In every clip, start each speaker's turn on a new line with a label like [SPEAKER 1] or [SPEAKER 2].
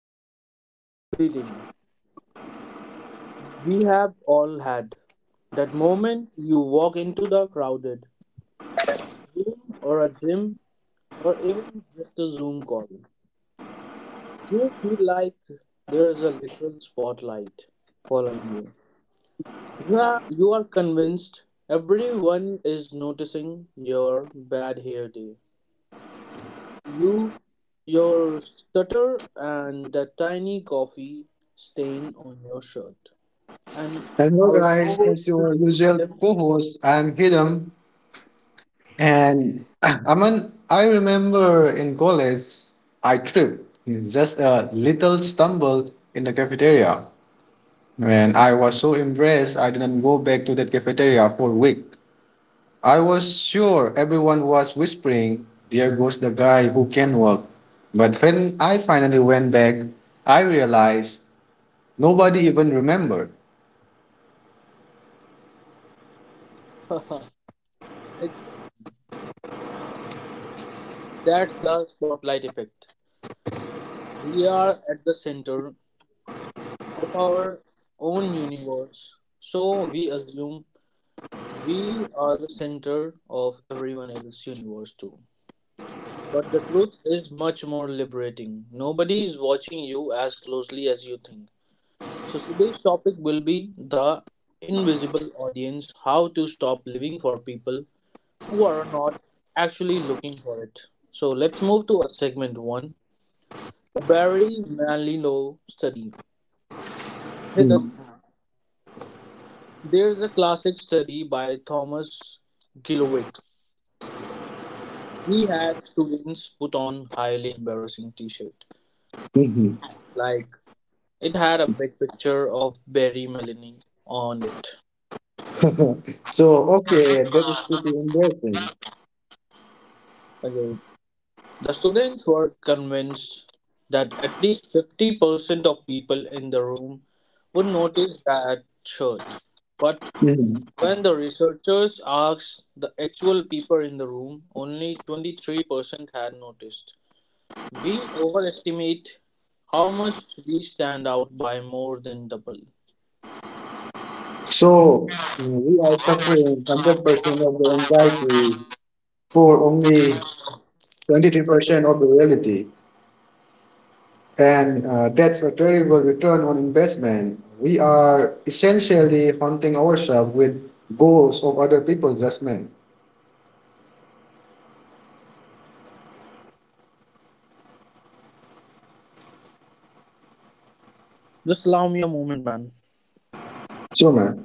[SPEAKER 1] talking about feeling. We have all had that moment you walk into the crowded room or a gym or even just a Zoom call. You feel like there's a literal spotlight following you. You are convinced everyone is noticing your bad hair day, You, your stutter, and the tiny coffee stain on your shirt. And
[SPEAKER 2] Hello,
[SPEAKER 1] our
[SPEAKER 2] guys.
[SPEAKER 1] co-host
[SPEAKER 2] It's
[SPEAKER 1] will
[SPEAKER 2] your
[SPEAKER 1] be
[SPEAKER 2] usual
[SPEAKER 1] them.
[SPEAKER 2] co-host. I'm Hiram, and Aman. I remember in college, I tripped, just a little stumble in the cafeteria, and I was so impressed, I didn't go back to that cafeteria for a week. I was sure everyone was whispering, "There goes the guy who can walk," but when I finally went back, I realized nobody even remembered.
[SPEAKER 1] Haha, exactly. That's the spotlight effect. We are at the center of our own universe, so we assume we are the center of everyone else's universe too. But the truth is much more liberating. Nobody is watching you as closely as you think. So, today's topic will be the invisible audience, how to stop living for people who are not actually looking for it. So, let's move to our segment one, the Barry Manilow study. Hidam, there's a classic study by Thomas Gilwick. He had students put on highly embarrassing t shirt. Like, it had a big picture of Barry Melanie on it.
[SPEAKER 2] So, okay, that is pretty embarrassing.
[SPEAKER 1] Okay. The students were convinced that at least 50% of people in the room would notice that shirt. But
[SPEAKER 2] Mhm.
[SPEAKER 1] when the researchers asked the actual people in the room, only 23% had noticed. We overestimate how much we stand out by more than double.
[SPEAKER 2] So, we are suffering 100% of the anxiety for only 23% of the reality. And that's a terrible return on investment. We are essentially haunting ourselves with goals of other people's judgment.
[SPEAKER 1] Just allow me a moment, man.
[SPEAKER 2] So, man,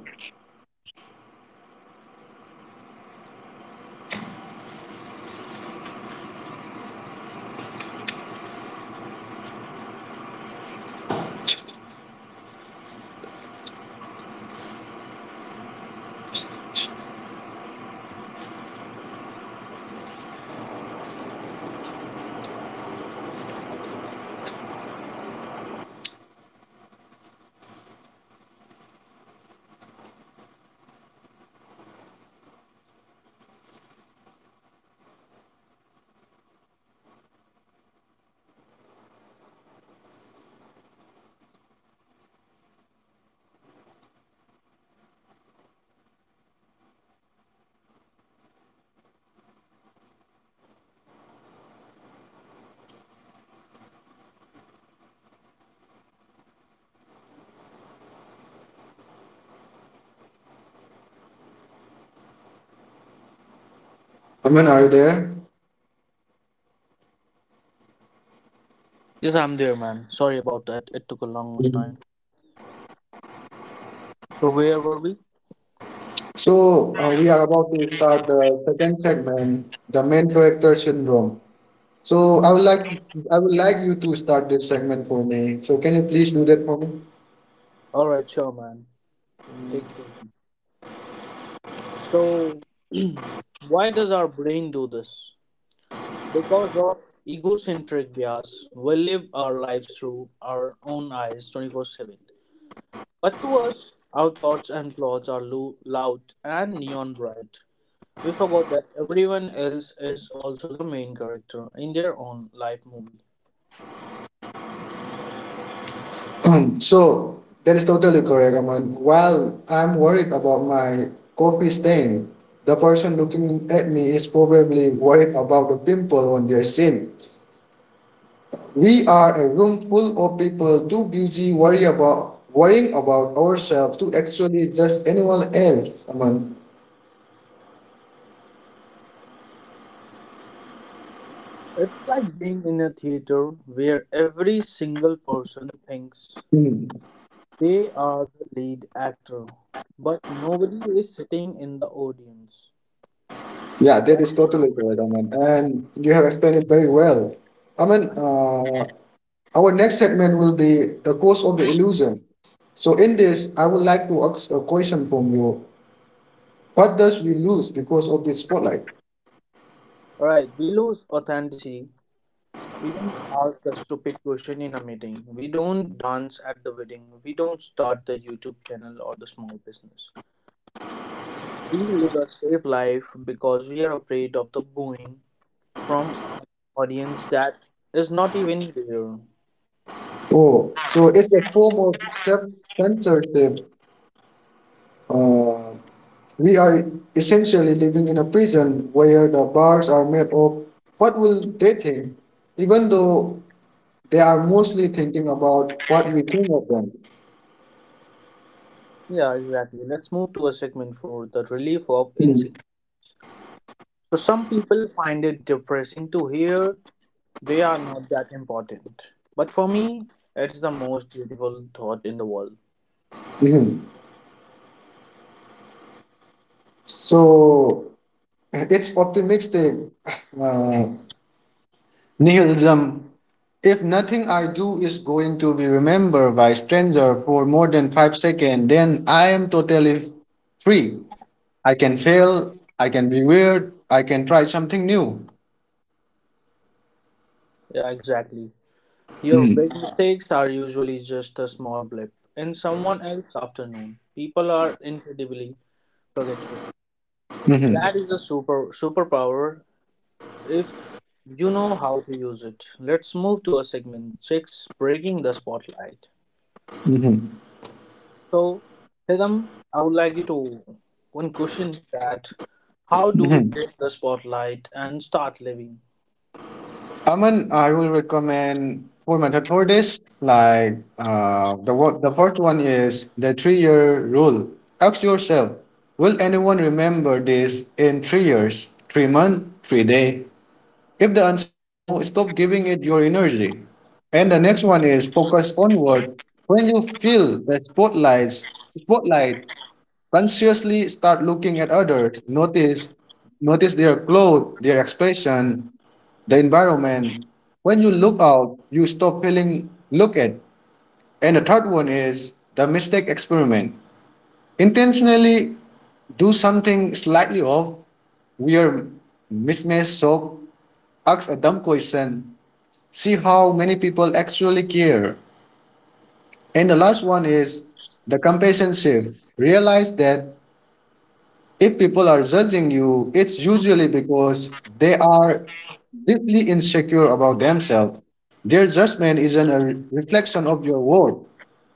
[SPEAKER 2] Aman, are you there?
[SPEAKER 1] Yes, I'm there, man. Sorry about that. It took a long
[SPEAKER 2] Mhm.
[SPEAKER 1] time. So, where were we?
[SPEAKER 2] So, we are about to start the second segment, the main character syndrome. So I would like I would like you to start this segment for me. So can you please do that for me?
[SPEAKER 1] Alright, sure, man. Take it easy. So, why does our brain do this? Because of egocentric bias, we live our lives through our own eyes 24/7. But to us, our thoughts and plots are loud and neon bright. We forgot that everyone else is also the main character in their own life movie.
[SPEAKER 2] So that is totally correct, Aman. While I'm worried about my coffee stain, the person looking at me is probably worried about the pimple on their shin. We are a room full of people too busy worrying about ourselves to actually judge anyone else, Aman.
[SPEAKER 1] It's like being in a theater where every single person thinks
[SPEAKER 2] Hmm.
[SPEAKER 1] they are the lead actor, but nobody is sitting in the audience.
[SPEAKER 2] Yeah, that
[SPEAKER 1] Right.
[SPEAKER 2] is totally correct, Aman. And you have explained it very well. Aman, our next segment will be the cause of the illusion. So, in this, I would like to ask a question from you. What does we lose because of the spotlight?
[SPEAKER 1] Right. We lose authenticity. We don't ask a stupid question in a meeting. We don't dance at the wedding. We don't start the YouTube channel or the small business. We live a safe life because we are afraid of the booing from an audience that is not even there.
[SPEAKER 2] Oh, so it's a form of self censorship. Uh, we are essentially living in a prison where the bars are made of what will they think, even though they are mostly thinking about what we think of them.
[SPEAKER 1] Yeah, exactly. Let's move to a segment for the relief of
[SPEAKER 2] Mhm.
[SPEAKER 1] insignificance. So some people find it depressing to hear they are not that important. But for me, it's the most beautiful thought in the world.
[SPEAKER 2] Mhm. So it's optimistic uh, nihilism. If nothing I do is going to be remembered by stranger for more than 5 seconds, then I am totally free. I can fail, I can be weird, I can try something new.
[SPEAKER 1] Yeah, exactly. Your
[SPEAKER 2] Mm-hmm.
[SPEAKER 1] big mistakes are usually just a small blip in someone else's afternoon. People are incredibly forgetful.
[SPEAKER 2] Mm-hmm.
[SPEAKER 1] That is a super superpower if you know how to use it. Let's move to a segment six, breaking the spotlight.
[SPEAKER 2] Mm-hmm.
[SPEAKER 1] So, Hidam, I would like you to one question that how do we
[SPEAKER 2] Mm-hmm.
[SPEAKER 1] break the spotlight and start living?
[SPEAKER 2] Aman, I will recommend four method for this. Like the first one is the 3 year rule. Ask yourself, will anyone remember this in 3 years, 3 months, 3 day? If the answer is no, stop giving it your energy. And the next one is focus onward. When you feel spotlight, consciously start looking at others, notice their clothes, their expression, the environment. When you look out you stop feeling look at. And the third one is the mistake experiment, intentionally do something slightly off, wear mismatched sock, ask a dumb question, see how many people actually care. And the last one is the compassion shift. Realize that if people are judging you, it's usually because they are deeply insecure about themselves. Their judgment isn't a reflection of your worth,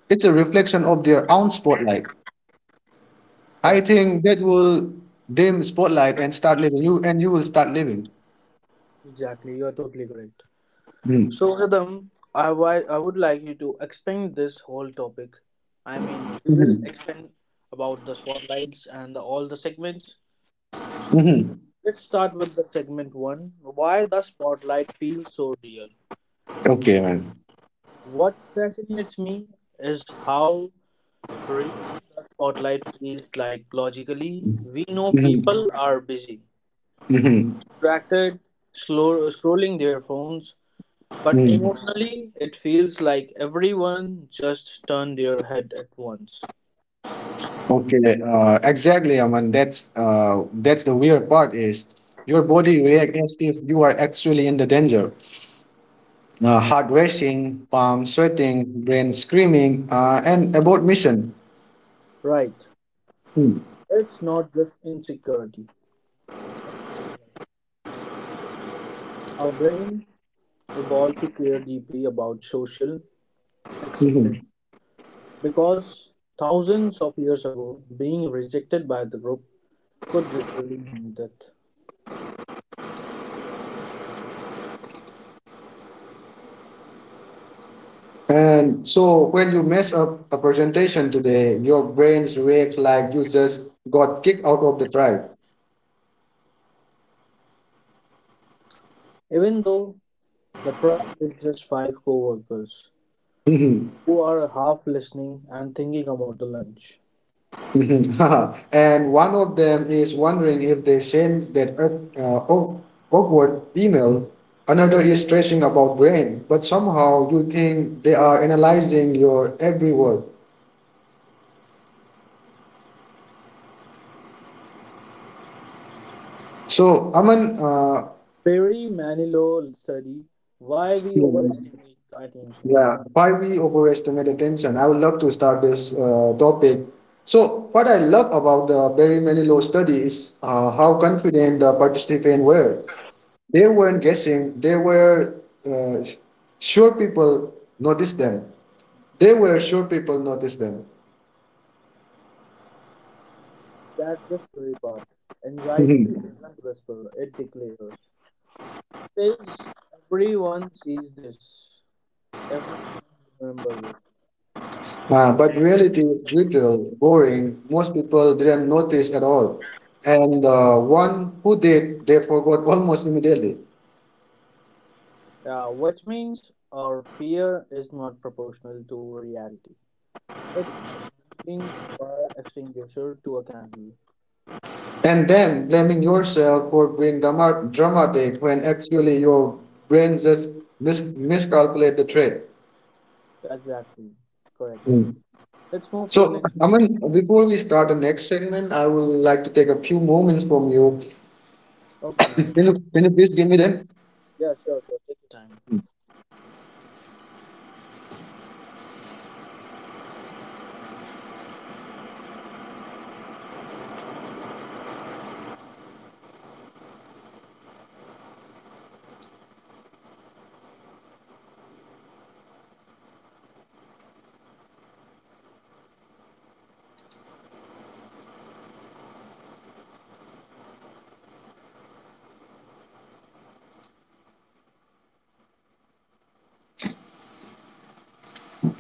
[SPEAKER 2] it's a reflection of their own spotlight. I
[SPEAKER 1] Exactly,
[SPEAKER 2] think that will dim spotlight and start living you, and you will start living.
[SPEAKER 1] exactly. You are totally correct.
[SPEAKER 2] Mm.
[SPEAKER 1] So, Rhythm, I would like you to expand this whole topic. I mean, we will
[SPEAKER 2] Mhm.
[SPEAKER 1] expand about the spotlights and the, all the segments.
[SPEAKER 2] Mhm.
[SPEAKER 1] Let's start with the segment one. Why the spotlight feels so real?
[SPEAKER 2] Okay, man.
[SPEAKER 1] What fascinates me is how real the spotlight feels, like, logically. We know
[SPEAKER 2] Mhm.
[SPEAKER 1] people are busy,
[SPEAKER 2] Mhm.
[SPEAKER 1] distracted, slow, scrolling their phones, but
[SPEAKER 2] Mhm.
[SPEAKER 1] emotionally, it feels like everyone just turned their head at once.
[SPEAKER 2] Okay, exactly, Aman. That's the weird part is your body reacts as if you are actually in the danger. Heart racing, palm sweating, brain screaming, and about mission.
[SPEAKER 1] Right.
[SPEAKER 2] Hmm.
[SPEAKER 1] It's not just insecurity. Our brain evolved to care deeply about social
[SPEAKER 2] Mhm.
[SPEAKER 1] acceptance because thousands of years ago, being rejected by the group could literally mean death.
[SPEAKER 2] And so when you mess up a presentation today, your brains react like you just got kicked out of the tribe.
[SPEAKER 1] Even though the tribe is just five co workers who are half listening and thinking about the lunch.
[SPEAKER 2] Mhm. And one of them is wondering if they sent that uh, awk- awkward email. Another is stressing about brain, but somehow you think they are analyzing your every word. So, Aman,
[SPEAKER 1] Perry Manilow study, why we
[SPEAKER 2] yeah,
[SPEAKER 1] overestimate the attention.
[SPEAKER 2] yeah, why we overestimate attention? I would love to start this topic. So, what I love about the Barry Manilow study is how confident the participants were. They weren't guessing. They were uh, sure people noticed them. They were sure people noticed them.
[SPEAKER 1] That's the scary part. Anxiety doesn't whisper, it declares. Says everyone sees this. Everyone remember this.
[SPEAKER 2] But reality is brutal, boring. Most people didn't notice at all. And one who did, they forgot almost immediately.
[SPEAKER 1] Yeah, which means our fear is not proportional to reality. It's like bringing a fire extinguisher to a candle.
[SPEAKER 2] And then blaming yourself for being dramatic when actually your brain just miscalculated the threat.
[SPEAKER 1] Exactly. Correct.
[SPEAKER 2] Mm.
[SPEAKER 1] Let's move to our
[SPEAKER 2] So,
[SPEAKER 1] next one.
[SPEAKER 2] Aman, before we start the next segment, I would like to take a few moments from you.
[SPEAKER 1] Okay, man.
[SPEAKER 2] Can you please give me that?
[SPEAKER 1] Yeah, sure, sure. Take your time.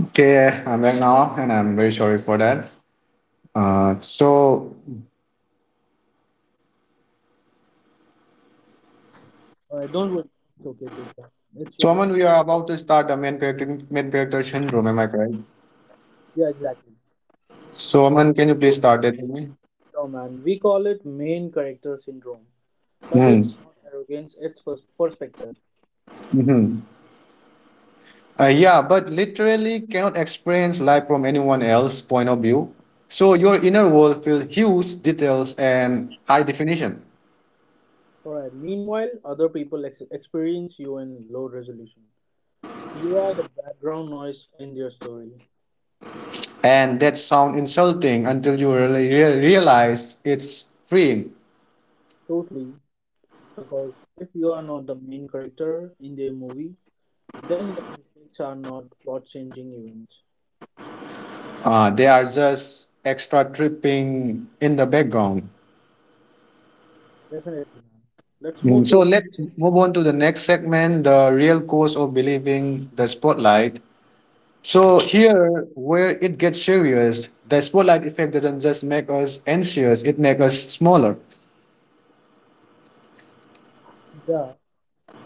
[SPEAKER 2] Okay, I'm back now, and I'm very sorry for that. Uh, so,
[SPEAKER 1] Alright, don't worry. It's okay, take care. It's
[SPEAKER 2] so
[SPEAKER 1] your
[SPEAKER 2] Aman,
[SPEAKER 1] time.
[SPEAKER 2] we are about to start main character syndrome. Am I correct?
[SPEAKER 1] Yeah, exactly.
[SPEAKER 2] So, Aman, can you please start that with me?
[SPEAKER 1] Sure, man. We call it main character syndrome, but it's
[SPEAKER 2] Hmm.
[SPEAKER 1] not arrogance, it's perspective.
[SPEAKER 2] Mm-hmm. Yeah, but literally cannot experience life from anyone else's point of view. So your inner world feels huge, details, and high definition.
[SPEAKER 1] Alright, meanwhile, other people experience you in low resolution. You are the background noise in their story.
[SPEAKER 2] And that sound insulting until you really realize it's freeing.
[SPEAKER 1] Totally, because if you are not the main character in their movie, then your mistakes are not plot changing events.
[SPEAKER 2] They are just extra tripping in the background.
[SPEAKER 1] Definitely, man. Let's move
[SPEAKER 2] So
[SPEAKER 1] to.
[SPEAKER 2] let's move on to the next segment, the real cause of believing the spotlight. So here, where it gets serious, the spotlight effect doesn't just make us anxious; it makes us smaller,
[SPEAKER 1] Yeah.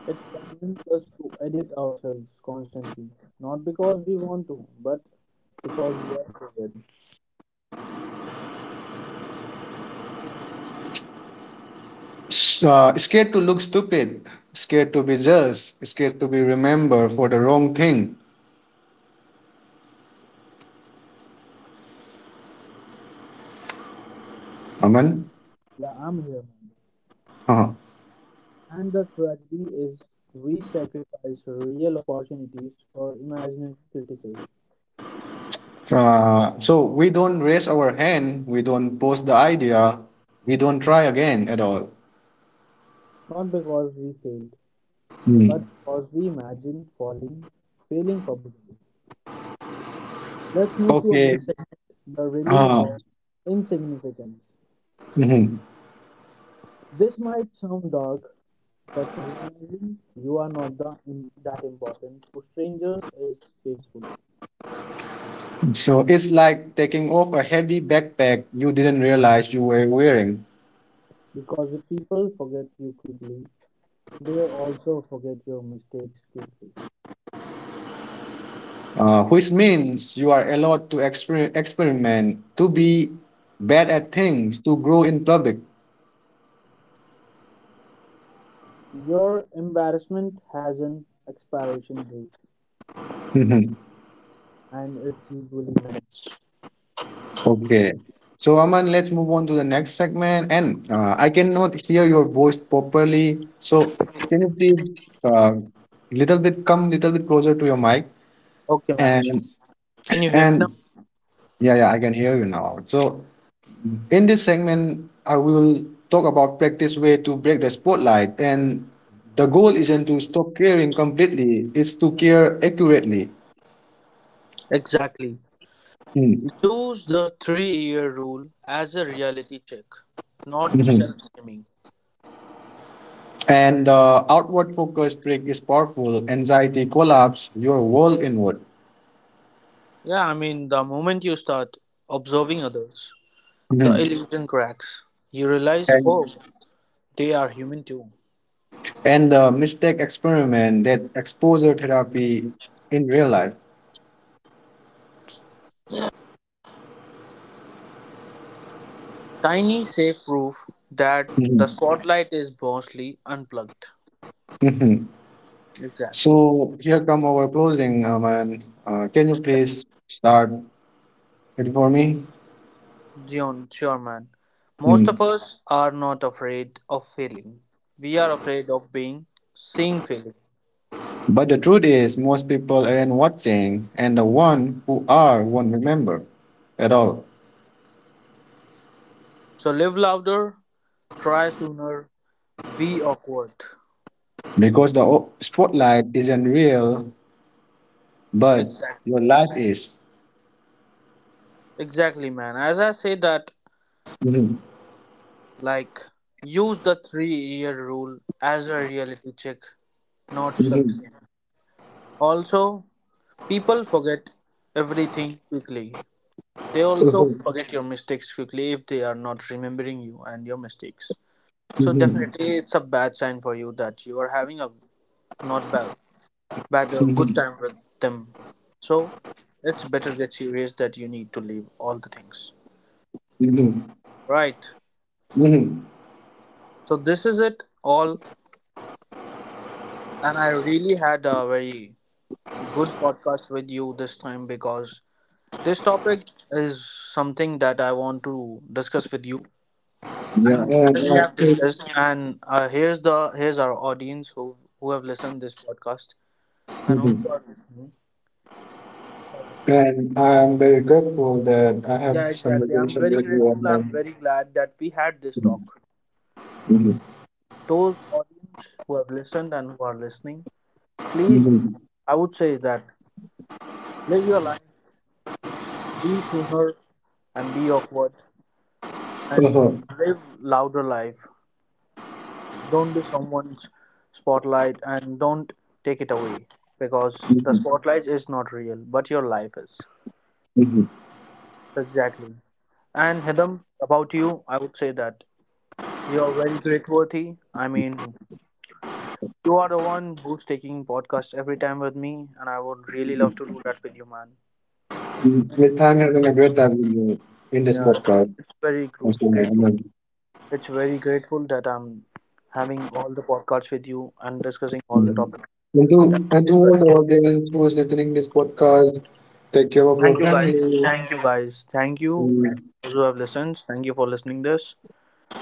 [SPEAKER 1] It convinces us to edit ourselves constantly, not because we want to, but because we are scared.
[SPEAKER 2] Scared to look stupid, scared to be judged, scared to be remembered for the wrong thing. Aman.
[SPEAKER 1] Yeah, I'm here, man.
[SPEAKER 2] Uh-huh.
[SPEAKER 1] And the tragedy is we sacrifice real opportunities for imaginary criticism,
[SPEAKER 2] So we don't raise our hand, we don't post the idea, we don't try again at all.
[SPEAKER 1] not because we failed,
[SPEAKER 2] Mm.
[SPEAKER 1] but because we imagined falling, failing publicly. Let's move to our
[SPEAKER 2] Okay.
[SPEAKER 1] next segment: the relief
[SPEAKER 2] Uh,
[SPEAKER 1] of insignificance.
[SPEAKER 2] mhm.
[SPEAKER 1] This might sound dark, but realizing you are not the, that important to strangers is painful
[SPEAKER 2] So it's like taking off a heavy backpack you didn't realize you were wearing,
[SPEAKER 1] because if people forget you quickly, they also forget your mistakes quickly.
[SPEAKER 2] which means you are allowed to experiment, to be bad at things, to grow in public.
[SPEAKER 1] Your embarrassment has an expiration date, and it's usually minutes.
[SPEAKER 2] Okay. So, Aman, let's move on to the next segment. And I cannot hear your voice properly. So, can you please uh, little bit come little bit closer to your mic?
[SPEAKER 1] Okay, man.
[SPEAKER 2] And
[SPEAKER 1] Can you hear me now?
[SPEAKER 2] and yeah, I can hear you now. So, in this segment, I will talk about practice way to break the spotlight. And the goal isn't to stop caring completely; it's to care accurately.
[SPEAKER 1] Exactly.
[SPEAKER 2] Mm,
[SPEAKER 1] Use the 3-year rule as a reality check, not self
[SPEAKER 2] mhm.
[SPEAKER 1] shaming.
[SPEAKER 2] And the outward focus trick is powerful. Anxiety collapse your world inward.
[SPEAKER 1] Yeah, I mean, the moment you start observing others, the
[SPEAKER 2] Mhm.
[SPEAKER 1] illusion cracks. You realize, oh,
[SPEAKER 2] And,
[SPEAKER 1] they are human too.
[SPEAKER 2] and the mistake experiment that exposure therapy in real life.
[SPEAKER 1] Tiny safe proof that the
[SPEAKER 2] Mhm.
[SPEAKER 1] spotlight is mostly unplugged.
[SPEAKER 2] Mhm.
[SPEAKER 1] Exactly.
[SPEAKER 2] So here come our closing, Man, can you please start it for me?
[SPEAKER 1] Dion, sure, man. Most
[SPEAKER 2] Mm.
[SPEAKER 1] of us are not afraid of failing. We are afraid of being seen failing.
[SPEAKER 2] But the truth is, most people aren't watching, and the one who are won't remember at all
[SPEAKER 1] So live louder, try sooner, be awkward.
[SPEAKER 2] because spotlight isn't real but
[SPEAKER 1] Exactly.
[SPEAKER 2] your life is.
[SPEAKER 1] Exactly, man. As I say that,
[SPEAKER 2] Mhm,
[SPEAKER 1] like, use the 3-year rule as a reality check, not
[SPEAKER 2] mhm,
[SPEAKER 1] self. Also, people forget everything quickly. They also
[SPEAKER 2] mhm,
[SPEAKER 1] forget your mistakes quickly if they are not remembering you and your mistakes. So
[SPEAKER 2] mhm,
[SPEAKER 1] definitely, it's a bad sign for you that you are having a not bad, bad, a good
[SPEAKER 2] mhm,
[SPEAKER 1] time with them. So it's better get serious that you need to leave all the things.
[SPEAKER 2] mhm,
[SPEAKER 1] Right.
[SPEAKER 2] mhm.
[SPEAKER 1] So this is it all, and I really had a very good podcast with you this time because this topic is something that I want to discuss with you.
[SPEAKER 2] Yeah,
[SPEAKER 1] And
[SPEAKER 2] and
[SPEAKER 1] as we
[SPEAKER 2] I
[SPEAKER 1] have
[SPEAKER 2] think-
[SPEAKER 1] discussed, and here's the here's our audience who have listened this podcast and who
[SPEAKER 2] mhm.
[SPEAKER 1] are listening. So,
[SPEAKER 2] And I'm very grateful that I had
[SPEAKER 1] yeah,
[SPEAKER 2] this
[SPEAKER 1] exactly. I'm
[SPEAKER 2] conversation
[SPEAKER 1] very
[SPEAKER 2] with you.
[SPEAKER 1] grateful. I'm
[SPEAKER 2] And
[SPEAKER 1] very glad that we had this talk.
[SPEAKER 2] mhm,
[SPEAKER 1] Those audience who have listened and who are listening, please,
[SPEAKER 2] mhm,
[SPEAKER 1] I would say that live your life, be sooner, and be awkward, and
[SPEAKER 2] uh,
[SPEAKER 1] live louder life. Don't be someone's spotlight, and don't take it away
[SPEAKER 2] mhm,
[SPEAKER 1] because the
[SPEAKER 2] mhm,
[SPEAKER 1] spotlight is not real, but your life is.
[SPEAKER 2] mhm.
[SPEAKER 1] Exactly. And Hidam, about you, I would say that you're very grit-worthy. I mean, you are the one who's taking podcast every time with me, and I would really love to do that with you, man.
[SPEAKER 2] Yes, I'm having a great time with you in this
[SPEAKER 1] Yeah, it's,
[SPEAKER 2] podcast.
[SPEAKER 1] it's very
[SPEAKER 2] Also,
[SPEAKER 1] grateful. Grateful.
[SPEAKER 2] and,
[SPEAKER 1] It's very grateful that I'm having all the podcasts with you and discussing all the
[SPEAKER 2] Mhm.
[SPEAKER 1] topics. That
[SPEAKER 2] And to
[SPEAKER 1] is
[SPEAKER 2] all
[SPEAKER 1] very.
[SPEAKER 2] the audience who is listening this podcast, take care of your
[SPEAKER 1] Thank you guys.
[SPEAKER 2] family.
[SPEAKER 1] Thank you guys. Thank you those who have listened. Thank you for listening this.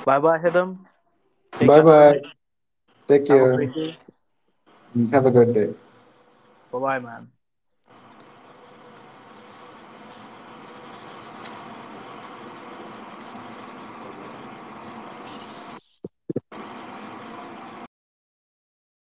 [SPEAKER 1] Bye bye, Hidam. Take
[SPEAKER 2] Bye
[SPEAKER 1] your
[SPEAKER 2] bye.
[SPEAKER 1] time.
[SPEAKER 2] Take
[SPEAKER 1] Have a
[SPEAKER 2] care.
[SPEAKER 1] great day.
[SPEAKER 2] Have a good day.
[SPEAKER 1] Bye bye, man.